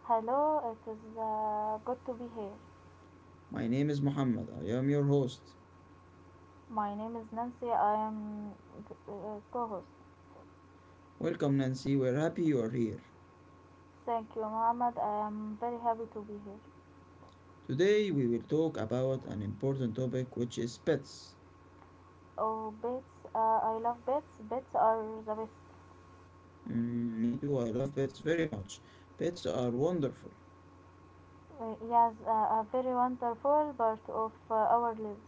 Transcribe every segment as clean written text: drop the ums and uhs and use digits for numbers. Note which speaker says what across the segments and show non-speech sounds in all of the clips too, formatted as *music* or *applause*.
Speaker 1: Hello, it is good to be here.
Speaker 2: My name is Muhammad. I am your host.
Speaker 1: My name is Nancy. I am uh, co-host.
Speaker 2: Welcome, Nancy. We're happy you are here.
Speaker 1: Thank you, Muhammad. I am very happy to be here.
Speaker 2: Today, we will talk about an important topic which is pets.
Speaker 1: Oh, bits! I love bits. Bits are the best.
Speaker 2: Mm, me too, I love pets very much. Pets are wonderful.
Speaker 1: Yes, a very wonderful part of our lives.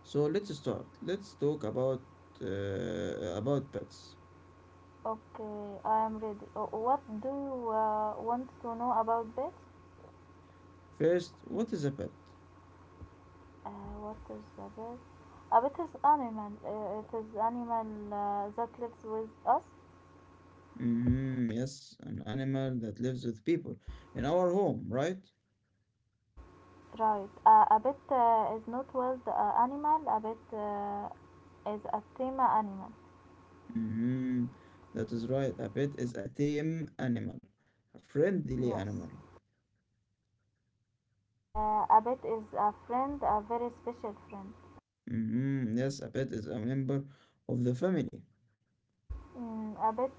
Speaker 2: So, let's start. Let's talk about pets.
Speaker 1: Okay, I am ready. Oh, what do you want to know about bits?
Speaker 2: First, what is a pet?
Speaker 1: What is a bit? A bit is animal. It is animal that lives with us.
Speaker 2: Hmm, yes, an animal that lives with people in our home, right?
Speaker 1: Right. A pet is not wild animal. A pet is a tame animal.
Speaker 2: Mhm. That is right. A pet is a tame animal, a friendly
Speaker 1: Yes.
Speaker 2: animal.
Speaker 1: A pet is a friend, a very special friend.
Speaker 2: Mhm. Yes, a pet is a member of the family.
Speaker 1: Mm, a pet.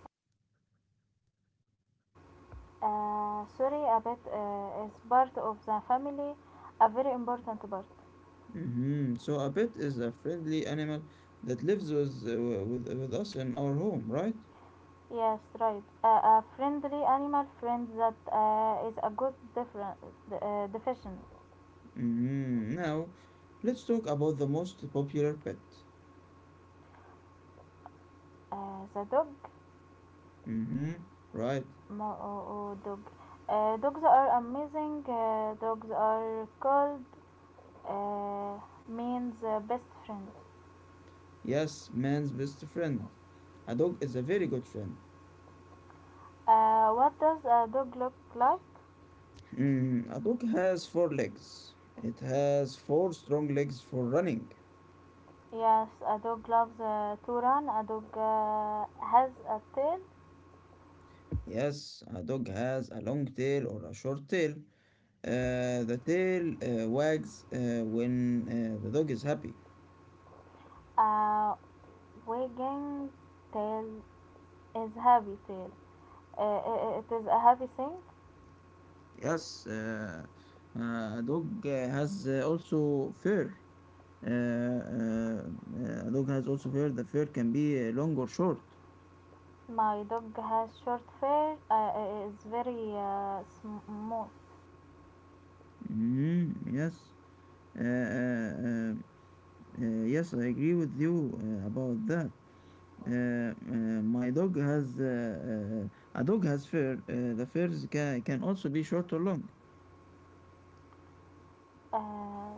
Speaker 1: Sorry, a pet is part of the family, a very important part.
Speaker 2: Mhm. So a pet is a friendly animal that lives with with us in our home, right?
Speaker 1: Yes, right. A friendly animal friend that is a good different definition.
Speaker 2: Mhm. Now, let's talk about the most popular pet.
Speaker 1: The dog.
Speaker 2: Mhm. Right.
Speaker 1: Oh, oh, dog. Dogs are amazing. Dogs are called uh, means best friend.
Speaker 2: Yes, man's best friend. A dog is a very good friend.
Speaker 1: What does a dog look like?
Speaker 2: Mm, a dog has four legs. It has four strong legs for running.
Speaker 1: Yes, a dog loves to run. A dog has a tail.
Speaker 2: Yes, a dog has a long tail or a short tail. The tail wags when the dog is happy.
Speaker 1: A wagging tail is heavy tail. It is a heavy thing.
Speaker 2: Yes, a dog has also fur. Uh, uh, a dog has also fur. The fur can be long or short.
Speaker 1: My dog has short fur. Is very smooth.
Speaker 2: Mhm, yes. Uh, uh, uh, yes, I agree with you about that. My dog has a dog has fur. The furs can also be short or long.
Speaker 1: Uh,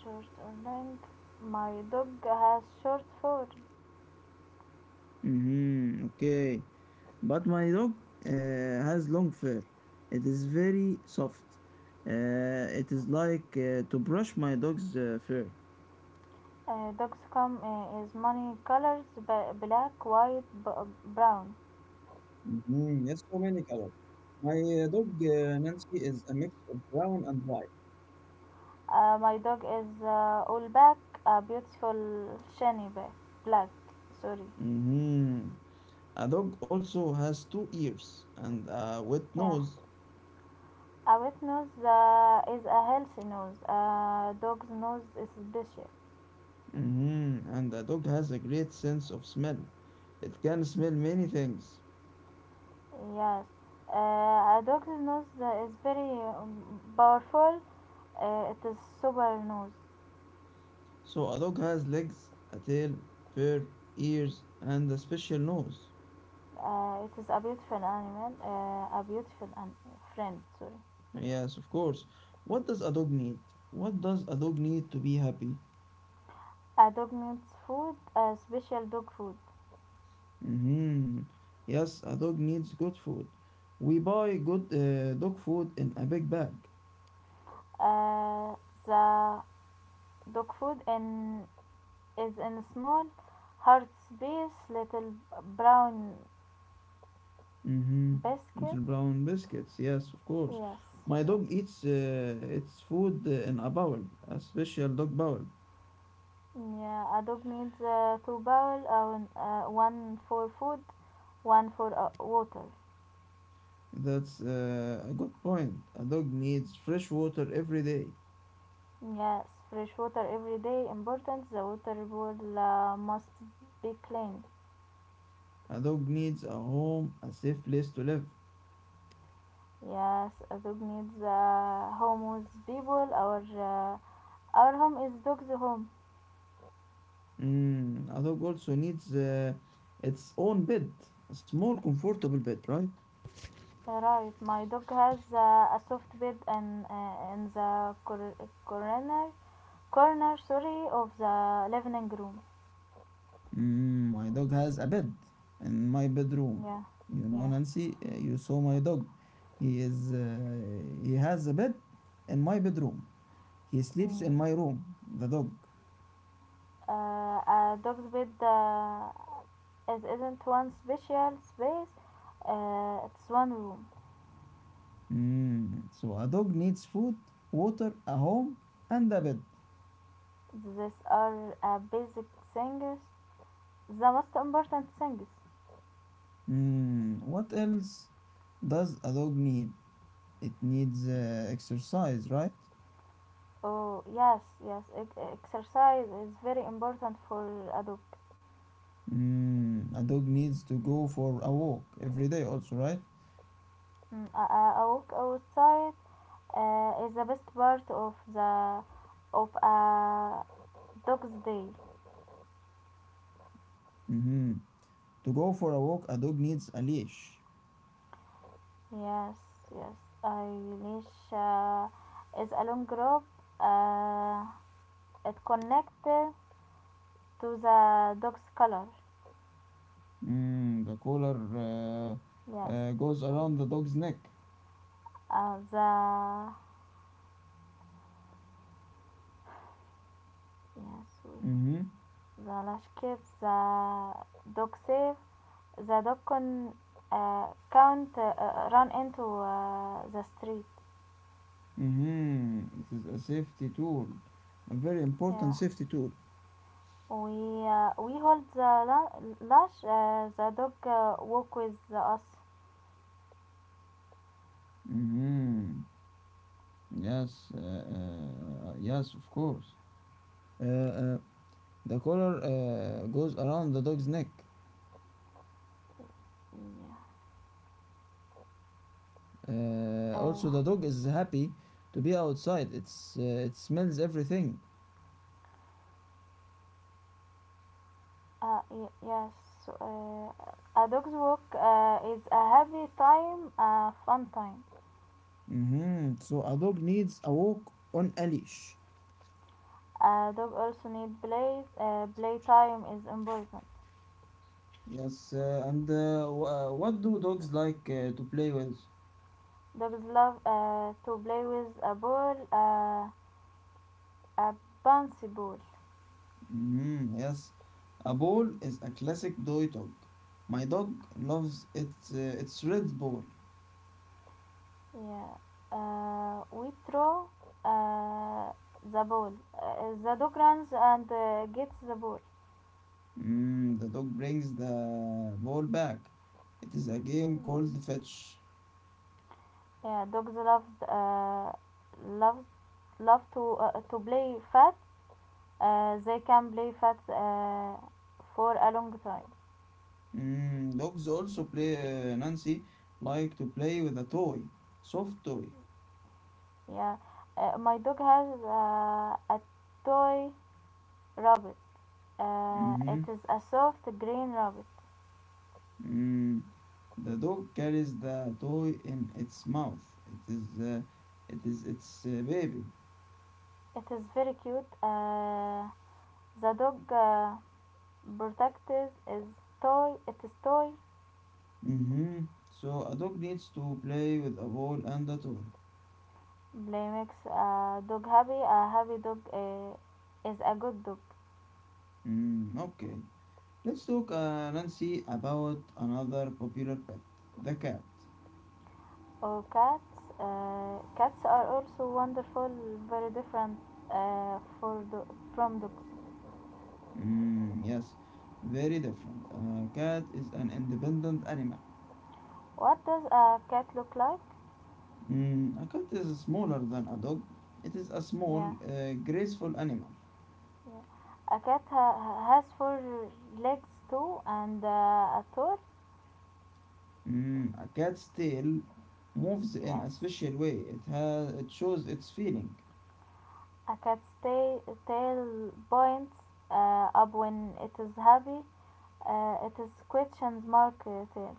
Speaker 1: Short or long. My dog has short fur.
Speaker 2: Hmm, okay. But my dog uh, has long fur. It is very soft. It is like to brush my dog's fur.
Speaker 1: Dog's come is many colors black, white, brown.
Speaker 2: Mhm, yes, so many colors. My dog Nancy is a mix of brown and white.
Speaker 1: My dog is all black, a beautiful shiny black. Sorry.
Speaker 2: Hmm. A dog also has two ears and a wet
Speaker 1: Yeah.
Speaker 2: nose.
Speaker 1: A wet nose is a healthy nose. A dog's nose is special.
Speaker 2: Mhm. And a dog has a great sense of smell. It can smell many things.
Speaker 1: Yes. A dog's nose is very powerful. It is super nose.
Speaker 2: So a dog has legs, a tail, fur, ears, and a special nose.
Speaker 1: It is a beautiful animal, friend, sorry.
Speaker 2: Yes, of course. What does a dog need? What does a dog need to be happy?
Speaker 1: A dog needs food, a special dog food.
Speaker 2: Hmm. Yes, a dog needs good food. We buy good dog food in a big bag.
Speaker 1: Uh, the dog food in, Is in small, hard space, little brown
Speaker 2: Mm-hmm.
Speaker 1: basket.
Speaker 2: Little brown biscuits. Yes, of course.
Speaker 1: Yes,
Speaker 2: My
Speaker 1: yes.
Speaker 2: dog eats its food in a bowl, a special dog bowl.
Speaker 1: Yeah, a dog needs two bowl, one for food, one for water.
Speaker 2: That's a good point. A dog needs fresh water every day.
Speaker 1: Yes, fresh water every day important. The water bowl must be clean.
Speaker 2: A dog needs a home, a safe place to live.
Speaker 1: Yes, a dog needs a home with people. Our home is dog's home.
Speaker 2: Mm, a dog also needs its own bed, a small, comfortable bed, right?
Speaker 1: Right, my dog has a soft bed and in the corner corner sorry of the living room.
Speaker 2: Mm, my dog has a bed in my bedroom.
Speaker 1: Yeah,
Speaker 2: You know,
Speaker 1: yeah.
Speaker 2: Nancy, you saw my dog. He has a bed in my bedroom. He sleeps in
Speaker 1: Mm.
Speaker 2: my room. The dog.
Speaker 1: A dog's bed is isn't one special space. It's one room.
Speaker 2: Mm, so a dog needs food, water, a home, and a bed.
Speaker 1: These are basic things. The most important things.
Speaker 2: Mm, what else does a dog need? It needs exercise, right?
Speaker 1: Oh, yes, yes. Exercise is very important for a dog.
Speaker 2: Mm, a dog needs to go for a walk every day, also, right?
Speaker 1: Mm, a walk outside is the best part of the of a dog's day.
Speaker 2: Mm-hmm. To go for a walk, a dog needs a leash.
Speaker 1: Yes, yes. I leash is a long rope. Uh, it connected to the dog's collar.
Speaker 2: Mm, the collar
Speaker 1: Yes.
Speaker 2: goes around the dog's neck.
Speaker 1: Uh, the yes, we-
Speaker 2: Mm-hmm.
Speaker 1: the lash keeps the dog safe. The Dokkan count run into the street.
Speaker 2: Mm-hmm. It is a safety tool, a very important
Speaker 1: Yeah.
Speaker 2: safety tool.
Speaker 1: We hold the lash. The dog walk with us.
Speaker 2: Mm-hmm. Yes, yes, of course. Uh, uh, The collar goes around the dog's neck.
Speaker 1: Yeah. Uh,
Speaker 2: Also, the dog is happy to be outside. It's it smells everything.
Speaker 1: yes. So, a dog's walk is a happy time, a fun time.
Speaker 2: Hmm. So a dog needs a walk on a leash.
Speaker 1: A dog also need play. Play time is important.
Speaker 2: Yes, and what do dogs like to play with?
Speaker 1: Dogs love to play with a ball, a bouncy ball.
Speaker 2: Hmm. Yes, a ball is a classic toy dog. My dog loves its red ball.
Speaker 1: Yeah. We throw uh, the ball. The dog runs and gets the ball.
Speaker 2: Mm, the dog brings the ball back. It is a game called fetch.
Speaker 1: Yeah, dogs love uh, love to play fat. They can play fat for a long time.
Speaker 2: Mm, dogs also play, Nancy, like to play with a toy, soft toy.
Speaker 1: Yeah, my dog has a toy rabbit. It
Speaker 2: Mm-hmm.
Speaker 1: is a soft green rabbit.
Speaker 2: Mm. The dog carries the toy in its mouth. It is its baby.
Speaker 1: It is very cute. The dog Protective is toy it is toy
Speaker 2: Mm-hmm. So a dog needs to play with a ball and a toy.
Speaker 1: play makes a dog happy. A happy dog is a good dog
Speaker 2: Mm, okay. Let's talk, Nancy, about another popular pet, the cat.
Speaker 1: or cats. Cats are also wonderful very different uh, for do- from dogs.
Speaker 2: Mm, yes, very different. A cat is an independent animal.
Speaker 1: What does a cat look like?
Speaker 2: Mm, a cat is smaller than a dog. It is a small,
Speaker 1: Yeah,
Speaker 2: graceful animal.
Speaker 1: yeah, a cat has four legs too and a tail.
Speaker 2: Mm, a cat's tail moves in
Speaker 1: Yes.
Speaker 2: a special way. It has it shows its feeling.
Speaker 1: A cat's tail points up when it is happy. It is questions mark tail.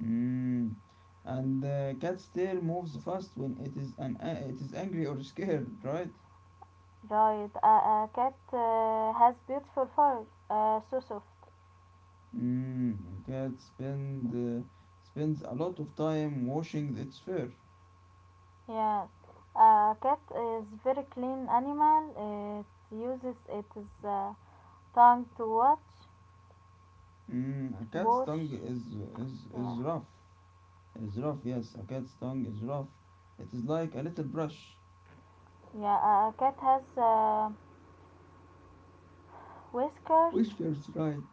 Speaker 2: Mm, and the cat's tail moves fast when it is angry or scared, right?
Speaker 1: Right. A cat has beautiful fur. So soft.
Speaker 2: Mm, a cat spends a lot of time washing its fur.
Speaker 1: Yes. A cat is very clean animal. It uses its tongue to
Speaker 2: Mm, a cat's
Speaker 1: wash.
Speaker 2: tongue is is is
Speaker 1: Yeah.
Speaker 2: rough. Israf, yes, a cat's tongue is rough. It is like a little brush.
Speaker 1: Yeah. A cat has whiskers.
Speaker 2: Whiskers, right?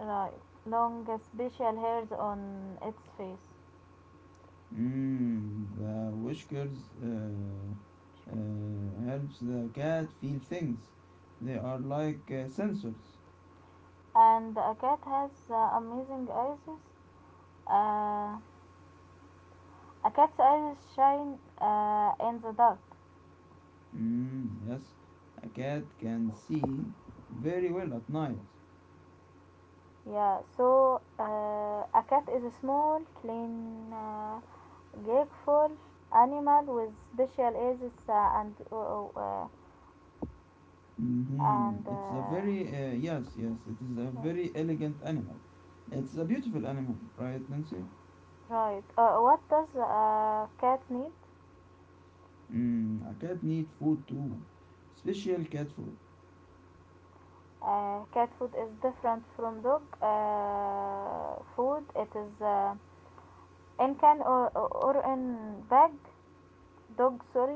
Speaker 1: Right. Long, special hairs on its face.
Speaker 2: Mm, the whiskers helps the cat feel things. They are like sensors.
Speaker 1: And a cat has amazing eyes. Uh, a cat's eyes shine in the dark.
Speaker 2: Mm, yes, a cat can see very well at night.
Speaker 1: Yeah, so a cat is a small, clean, grateful animal with special eyes
Speaker 2: Hmm.
Speaker 1: and
Speaker 2: It's a very yes, yes. It is a
Speaker 1: yes,
Speaker 2: very elegant animal. It's a beautiful animal, right, Nancy?
Speaker 1: right. What does a cat need?
Speaker 2: Mm, a cat need food too, special cat food.
Speaker 1: Cat food is different from dog food. It is إن كان or in bag, dog sorry.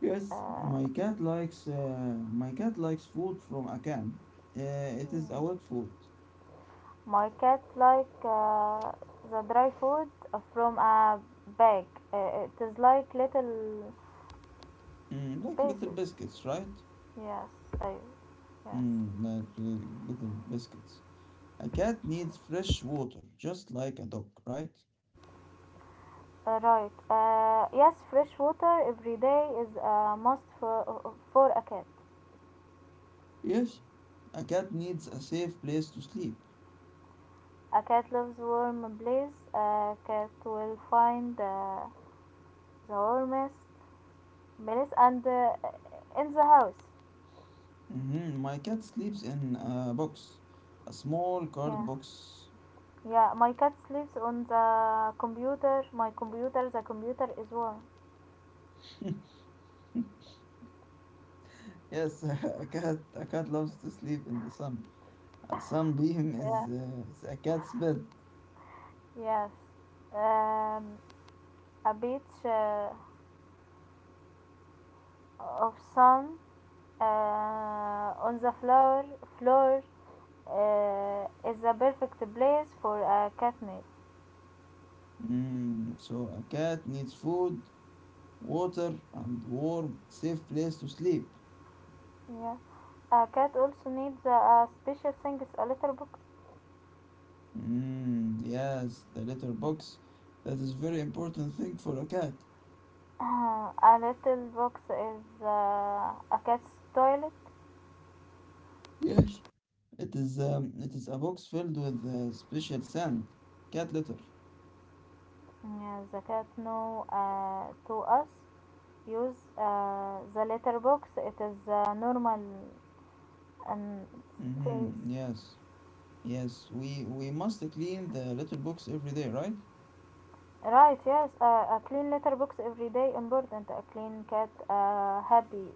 Speaker 2: Yes,
Speaker 1: uh,
Speaker 2: my cat likes food from a can. It is a wet food,
Speaker 1: my cat like the dry food from a bag. It is like little
Speaker 2: mm, like little
Speaker 1: pieces.
Speaker 2: biscuits, right?
Speaker 1: Yes, I, yes.
Speaker 2: Mm, like little biscuits. A cat needs fresh water, just like a dog, right?
Speaker 1: Right, yes, fresh water every day is a must for a cat.
Speaker 2: Yes, a cat needs a safe place to sleep.
Speaker 1: A cat loves warm place. A cat will find the warmest place and in the house.
Speaker 2: Hmm. My cat sleeps in a box, a small card
Speaker 1: Yeah.
Speaker 2: box. *laughs*
Speaker 1: Yeah, my cat sleeps on the computer. My computer, the computer is warm.
Speaker 2: Yes, *laughs* a cat loves to sleep in the sun. A sunbeam is
Speaker 1: Yeah,
Speaker 2: is a cat's bed.
Speaker 1: *laughs* yes. Um, a beach of sun on the floor is the perfect place for a cat nap.
Speaker 2: Mm, so a cat needs food, water, and warm, safe place to sleep.
Speaker 1: Yeah, a cat also needs a special thing. Is a little box.
Speaker 2: Mm, yes, the litter box. That is very important thing for a cat.
Speaker 1: *coughs* *clears throat* A little box is a cat's toilet.
Speaker 2: Yes. It is a box filled with special sand, cat litter.
Speaker 1: Yeah, the cat know to us use the letterbox. It is normal and says
Speaker 2: Mm-hmm, yes. Yes, we must clean the litter box every day, right?
Speaker 1: right. Yes, a clean letterbox every day. Important. A clean cat, a happy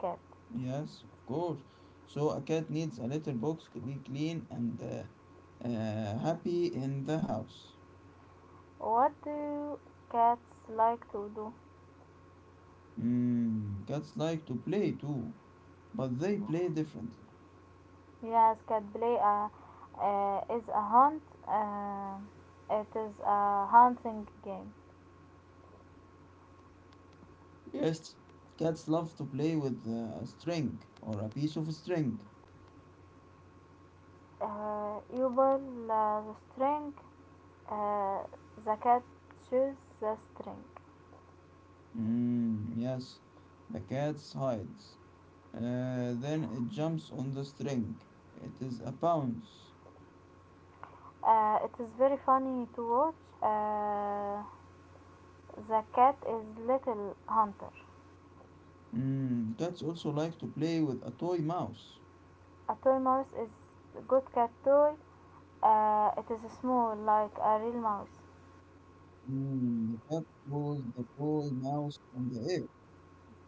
Speaker 1: cat.
Speaker 2: Yes, of course. So a cat needs a litter box to be clean and happy in the house.
Speaker 1: What do cats like to do?
Speaker 2: Mm, cats like to play too, but they play differently.
Speaker 1: Yes, cat play is a hunt. Uh, it is a hunting game.
Speaker 2: Yes, cats love to play with a piece of string.
Speaker 1: آه، يبل آه، the string uh, the cat chews the string.
Speaker 2: Mm, yes, the cat hides. Then it jumps on the string. It is a bounce.
Speaker 1: It is very funny to watch. uh, the cat is little hunter.
Speaker 2: Mm, cats also like to play with a toy mouse.
Speaker 1: A toy mouse is a good cat toy. It is small like a real mouse.
Speaker 2: Mm, the cat throws the toy mouse in the air,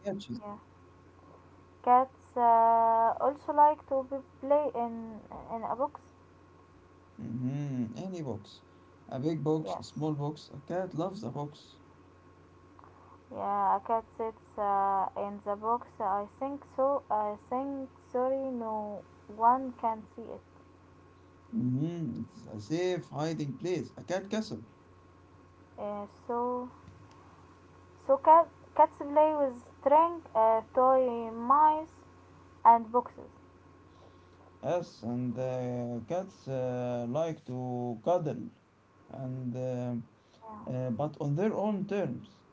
Speaker 2: catches
Speaker 1: Yeah, cats also like to be play in a box.
Speaker 2: it. Hmm. Any box. A big box,
Speaker 1: Yes.
Speaker 2: a small box. A cat loves a box.
Speaker 1: Yeah, a cat sits in the box. I think so. I think sorry, no one can see it.
Speaker 2: Mhm. It's a safe hiding place, a cat castle.
Speaker 1: Uh, so, so cat, Cats play with string, toy mice, and boxes.
Speaker 2: Yes, and cats like to cuddle, and
Speaker 1: Yeah.
Speaker 2: but on their own terms,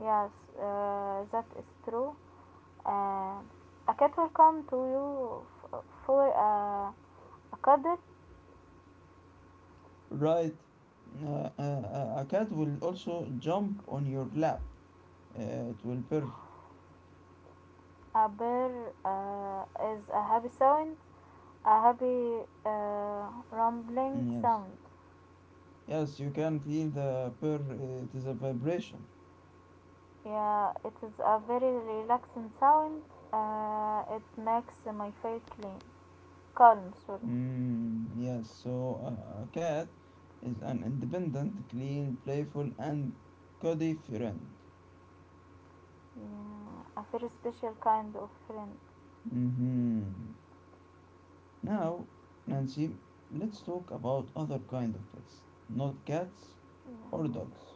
Speaker 1: Yes, that is true. Uh, a cat will come to you for a cuddle.
Speaker 2: right? A cat will also jump on your lap. It will purr.
Speaker 1: A bear uh, is a happy sound, a happy rumbling
Speaker 2: Mm, yes,
Speaker 1: sound.
Speaker 2: yes, you can feel the purr. It is a vibration.
Speaker 1: Yeah, it is a very relaxing sound. It makes my feel clean, calm. Sorry.
Speaker 2: Mm, yes, so a cat is an independent, clean, playful, and cuddly friend.
Speaker 1: Yeah, a very special kind of friend.
Speaker 2: Mhm. Now, Nancy, let's talk about other kind of pets, not cats or
Speaker 1: Yeah.
Speaker 2: dogs.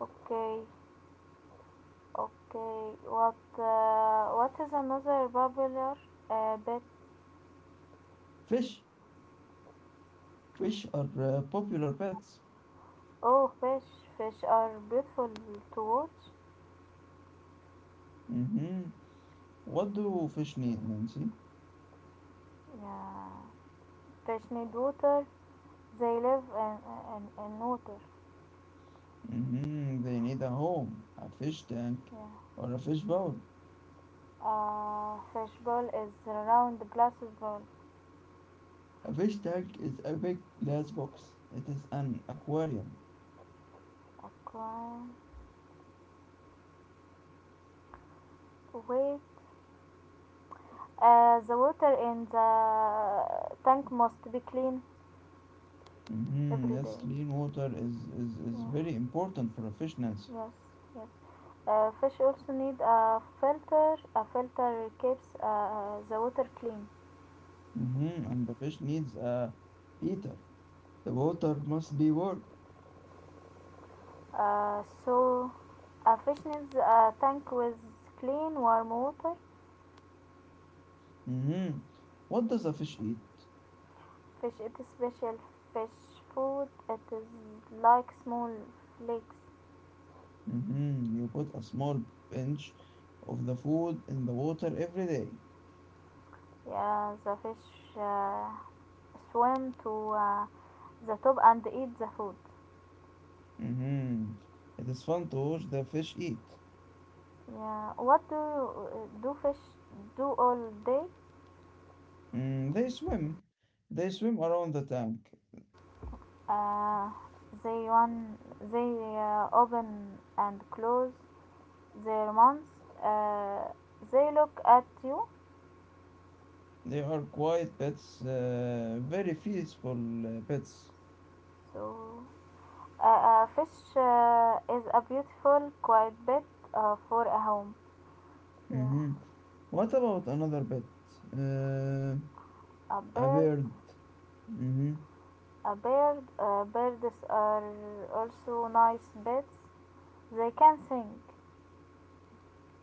Speaker 1: Okay, okay. What is another popular bet?
Speaker 2: Fish. Fish are popular pets.
Speaker 1: Oh, fish. Fish are beautiful to watch.
Speaker 2: Mhm. What do fish need, Nancy?
Speaker 1: Yeah, fish need water. They live in in water.
Speaker 2: Mhm. They need a home, a fish tank,
Speaker 1: Yeah.
Speaker 2: or a fish bowl.
Speaker 1: Fish ball is round glass ball.
Speaker 2: A fish tank is a big glass box. It is an aquarium.
Speaker 1: Okay. Wait. The water in the tank must be clean
Speaker 2: Mhm.
Speaker 1: every
Speaker 2: Yes,
Speaker 1: day.
Speaker 2: clean water is
Speaker 1: Yeah.
Speaker 2: very important for a fish, Nancy.
Speaker 1: Yes. Yes. Fish also need a filter. A filter keeps the water clean.
Speaker 2: Mhm. And the fish needs a heater. The water must be warm.
Speaker 1: So a fish needs a tank with clean warm water.
Speaker 2: Mhm. What does a fish eat?
Speaker 1: Fish eat special fish food. It is like small flakes.
Speaker 2: Mhm. You put a small pinch of the food in the water every day.
Speaker 1: Yeah, the fish swim to the top and eat the food.
Speaker 2: Mhm. It is fun to watch the fish eat.
Speaker 1: Yeah, do fish do all day?
Speaker 2: Mm, they swim. They swim around the tank.
Speaker 1: Uh, they one they Open and close their mouths. Uh, they look at you.
Speaker 2: They are quiet pets, very peaceful pets.
Speaker 1: So fish is a beautiful, quiet bit for a home. Yeah,
Speaker 2: Mhm. What about another pet? Uh,
Speaker 1: a
Speaker 2: a
Speaker 1: bird.
Speaker 2: bird. Hmm.
Speaker 1: A bird, birds are also nice pets. They can sing.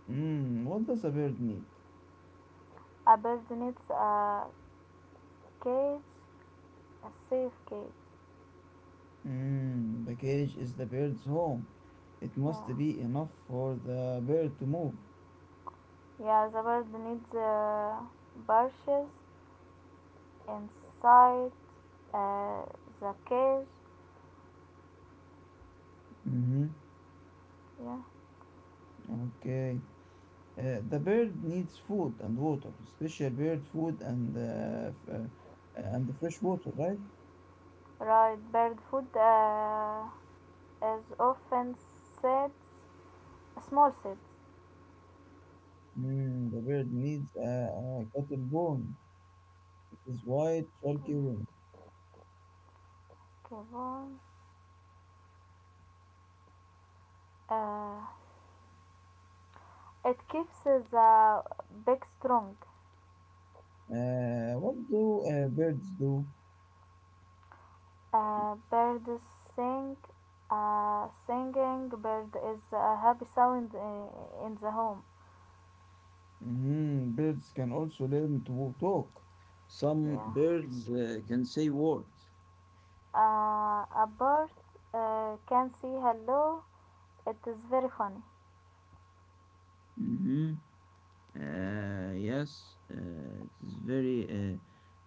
Speaker 2: Mm, what does a bird need?
Speaker 1: A bird needs a cage, a safe cage.
Speaker 2: Mm, the cage is the bird's home. It must
Speaker 1: Yeah,
Speaker 2: be enough for the bird to move.
Speaker 1: yeah. The bird needs bushes inside uh, the cage.
Speaker 2: Hmm.
Speaker 1: Yeah,
Speaker 2: Okay. The bird needs food and water, special bird food and and fresh water, right?
Speaker 1: right. Bird food is often seeds, small seeds.
Speaker 2: Mm, the bird needs a cotton bone. It is white, chalky wing.
Speaker 1: Okay, one. Uh, it keeps the beak strong.
Speaker 2: What do birds do?
Speaker 1: A bird sing. A singing bird is a happy sound in the home.
Speaker 2: Mm, birds can also learn to talk. Some
Speaker 1: Yeah.
Speaker 2: birds can say words.
Speaker 1: A bird can say hello. It is very funny.
Speaker 2: Mm-hmm. Yes,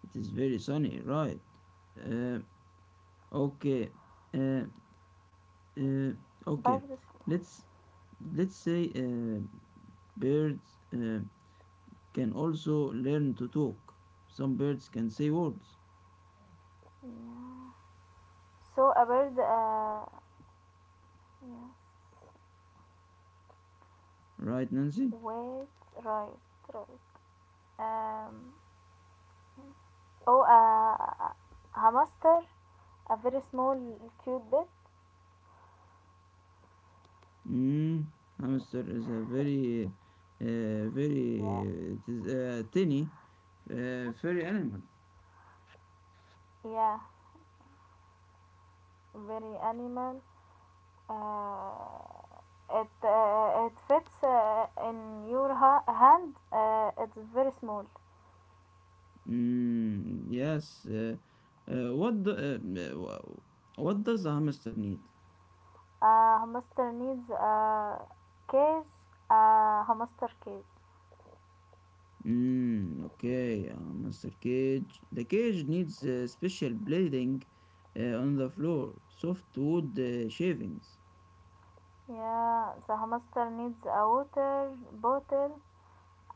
Speaker 2: it is very sunny, right? Uh, okay, uh, uh, okay.
Speaker 1: Birds.
Speaker 2: Let's let's say birds can also learn to talk. Some birds can say words,
Speaker 1: Yeah. So a bird. Yes.
Speaker 2: right, Nancy?
Speaker 1: Wait. Right. Right. Um. Oh. A hamster. A very small, cute bit.
Speaker 2: Mm, hamster is a very,
Speaker 1: Yeah.
Speaker 2: very, it is a tiny, furry animal.
Speaker 1: Yeah. Very animal. Uh, it fits hand. It's very small.
Speaker 2: Mm, yes. What the, w- what does a hamster need?
Speaker 1: A hamster needs a cage. A hamster cage.
Speaker 2: Mm, okay, a hamster cage. The cage needs special bedding, on the floor, soft wood shavings.
Speaker 1: Yeah, the hamster needs a water bottle.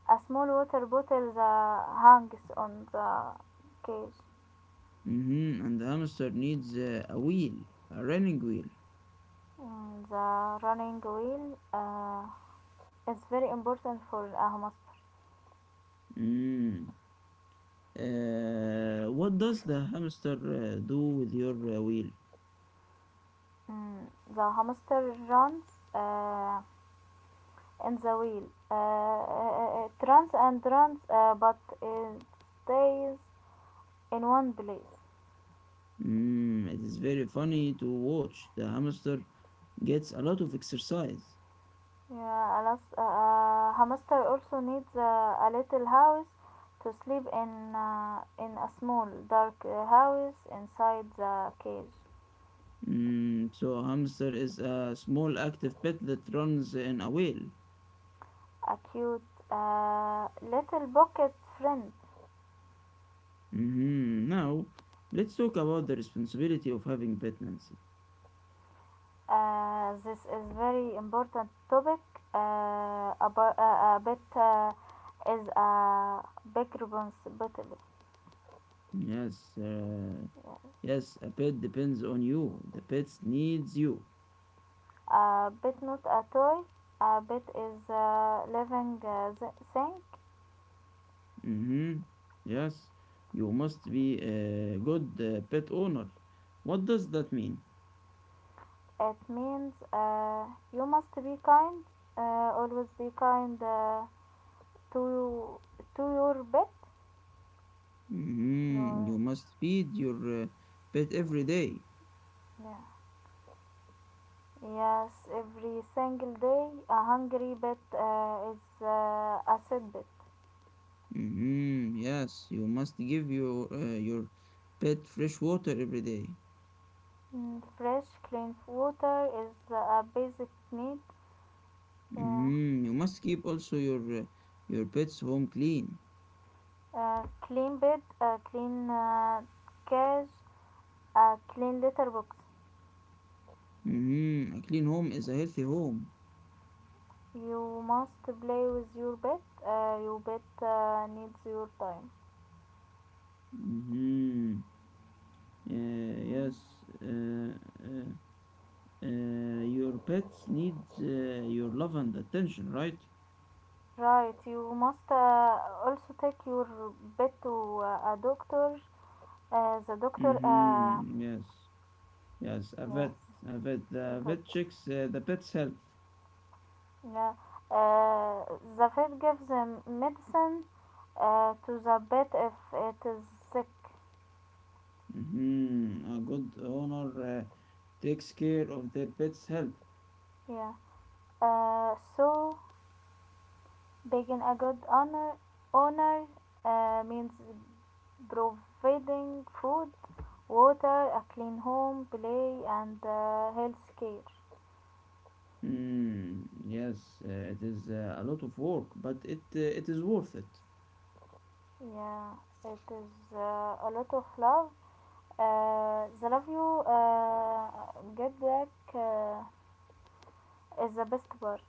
Speaker 1: A small water bottle that hangs on the cage.
Speaker 2: Mm-hmm. And the hamster needs a wheel, a running wheel.
Speaker 1: Mm, the running wheel is very important for a hamster.
Speaker 2: Mm. What does the hamster do with your wheel?
Speaker 1: Mm, the hamster runs. Uh, in the wheel. It runs and runs, but it stays in one place.
Speaker 2: Mm, it is very funny to watch. The hamster gets a lot of exercise.
Speaker 1: Yeah, hamster also needs a little house to sleep in. In a small dark house inside the cage.
Speaker 2: Mm, so a hamster is a small active pet that runs in a wheel.
Speaker 1: A cute little pocket friend.
Speaker 2: Mhm. Now, let's talk about the responsibility of having pet Nancy.
Speaker 1: This is very important topic. A bit is a big responsibility.
Speaker 2: Yes, yes, a pet depends on you. The pet needs you.
Speaker 1: A bit not a toy. A bit is a living thing.
Speaker 2: Hmm. Yes, you must be a good pet owner. What does that mean?
Speaker 1: It means you must be kind. Always be kind to to your pet. Your,
Speaker 2: Hmm. You must feed your pet every day.
Speaker 1: yeah. Yes, every single day a hungry pet is a sad pet.
Speaker 2: Mm-hmm. Yes, you must give your pet fresh water every day.
Speaker 1: Mm, fresh, clean water is a basic need. Yeah.
Speaker 2: Mm-hmm. You must keep also your pet's home clean.
Speaker 1: Clean bed, clean cage, clean litter box.
Speaker 2: Mm-hmm. A clean home is a healthy home.
Speaker 1: You must play with your pet. Needs your time.
Speaker 2: Mm-hmm.
Speaker 1: Mm.
Speaker 2: Yes. Your pets need your love and attention, right?
Speaker 1: Right, you must also take your pet to a doctor. The doctor
Speaker 2: Mm-hmm. Yes. Yes. A vet.
Speaker 1: Yes,
Speaker 2: A vet. The
Speaker 1: but
Speaker 2: vet checks the pet's health.
Speaker 1: yeah, uh, the vet gives them medicine to the pet if it is sick.
Speaker 2: Mhm. A good owner takes care of their pet's health.
Speaker 1: Yeah, so being a good honor owner means providing food, water, a clean home, play, and health care.
Speaker 2: Mm, yes, it is a lot of work, but it is worth it.
Speaker 1: Yeah, it is a lot of love. The love you get back is the best part.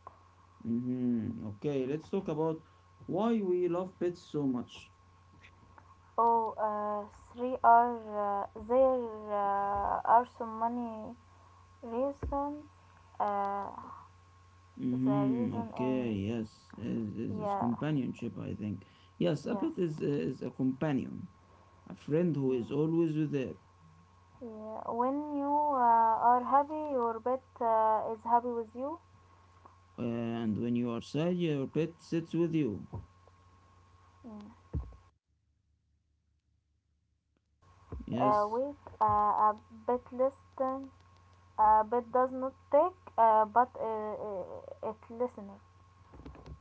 Speaker 2: Hmm. Okay, let's talk about why we love pets so much.
Speaker 1: Oh, three are There are so many reasons. Uh, the
Speaker 2: Hmm.
Speaker 1: reason
Speaker 2: Okay,
Speaker 1: in
Speaker 2: yes, is
Speaker 1: Yeah.
Speaker 2: companionship, I think. Yes, a
Speaker 1: Yes.
Speaker 2: pet is a companion, a friend who
Speaker 1: Mm,
Speaker 2: is always with there.
Speaker 1: yeah. When you are happy, your pet is happy with you.
Speaker 2: And when you are sad, your pet sits with you.
Speaker 1: Mm. Uh,
Speaker 2: Yes,
Speaker 1: wait, uh, a bit listen. A bit does not take, but it listening.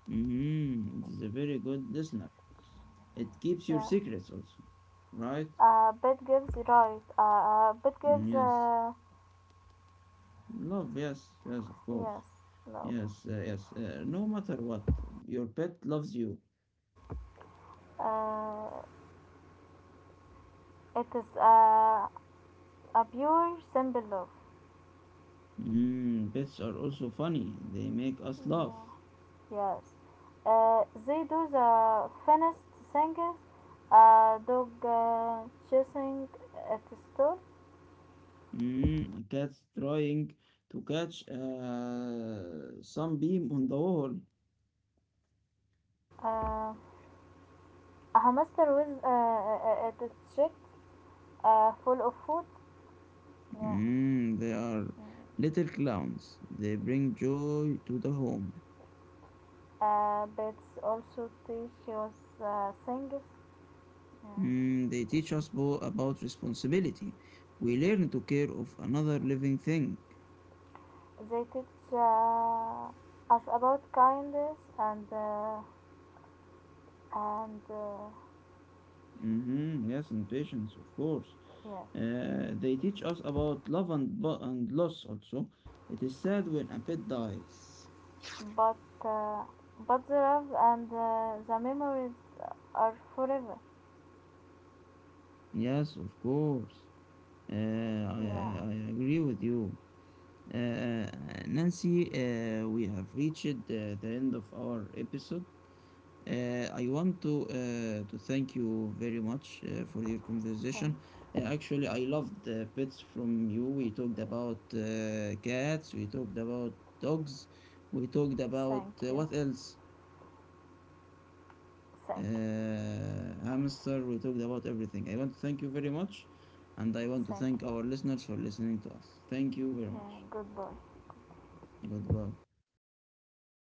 Speaker 2: mm, it is a very good listener. It keeps your
Speaker 1: Yeah.
Speaker 2: secrets also, right?
Speaker 1: A bit gives right. A bit
Speaker 2: Mm,
Speaker 1: gives
Speaker 2: yes. Love, yes, yes, of course.
Speaker 1: yes love.
Speaker 2: Yes, yes. No matter what, your pet loves you.
Speaker 1: Uh, it is a pure simple love.
Speaker 2: Mm, pets are also funny. They make us laugh.
Speaker 1: Yes. They do the finest things. A dog chasing at the store.
Speaker 2: Mm, a cat trying to catch some beam on the wall.
Speaker 1: Uh, a hamster with at the check full of food. Yeah.
Speaker 2: Mm, they are little clowns. They bring joy to the home.
Speaker 1: Pets also teach us things. Yeah.
Speaker 2: Mm, they teach us about responsibility. We learn to care of another living thing.
Speaker 1: They teach us about kindness and
Speaker 2: Mm-hmm. Yes, and patience, of course.
Speaker 1: yes.
Speaker 2: They teach us about love and, and loss also. It is sad when a pet dies.
Speaker 1: But uh, but the love and the memories are forever.
Speaker 2: Yes, of course. I,
Speaker 1: Yeah.
Speaker 2: I I agree with you. Uh, Nancy, we have reached the end of our episode. I want to thank you very much for your
Speaker 1: Thank,
Speaker 2: conversation. Actually, I loved the bits from you. We talked about cats. We talked about dogs. We talked about
Speaker 1: thank you,
Speaker 2: what else?
Speaker 1: thank you,
Speaker 2: Uh, hamster. We talked about everything. I want to thank you very much, and I want to
Speaker 1: Thank
Speaker 2: thank
Speaker 1: you.
Speaker 2: our listeners for listening to us. Thank you very
Speaker 1: Yeah,
Speaker 2: much.
Speaker 1: good boy.
Speaker 2: Goodbye.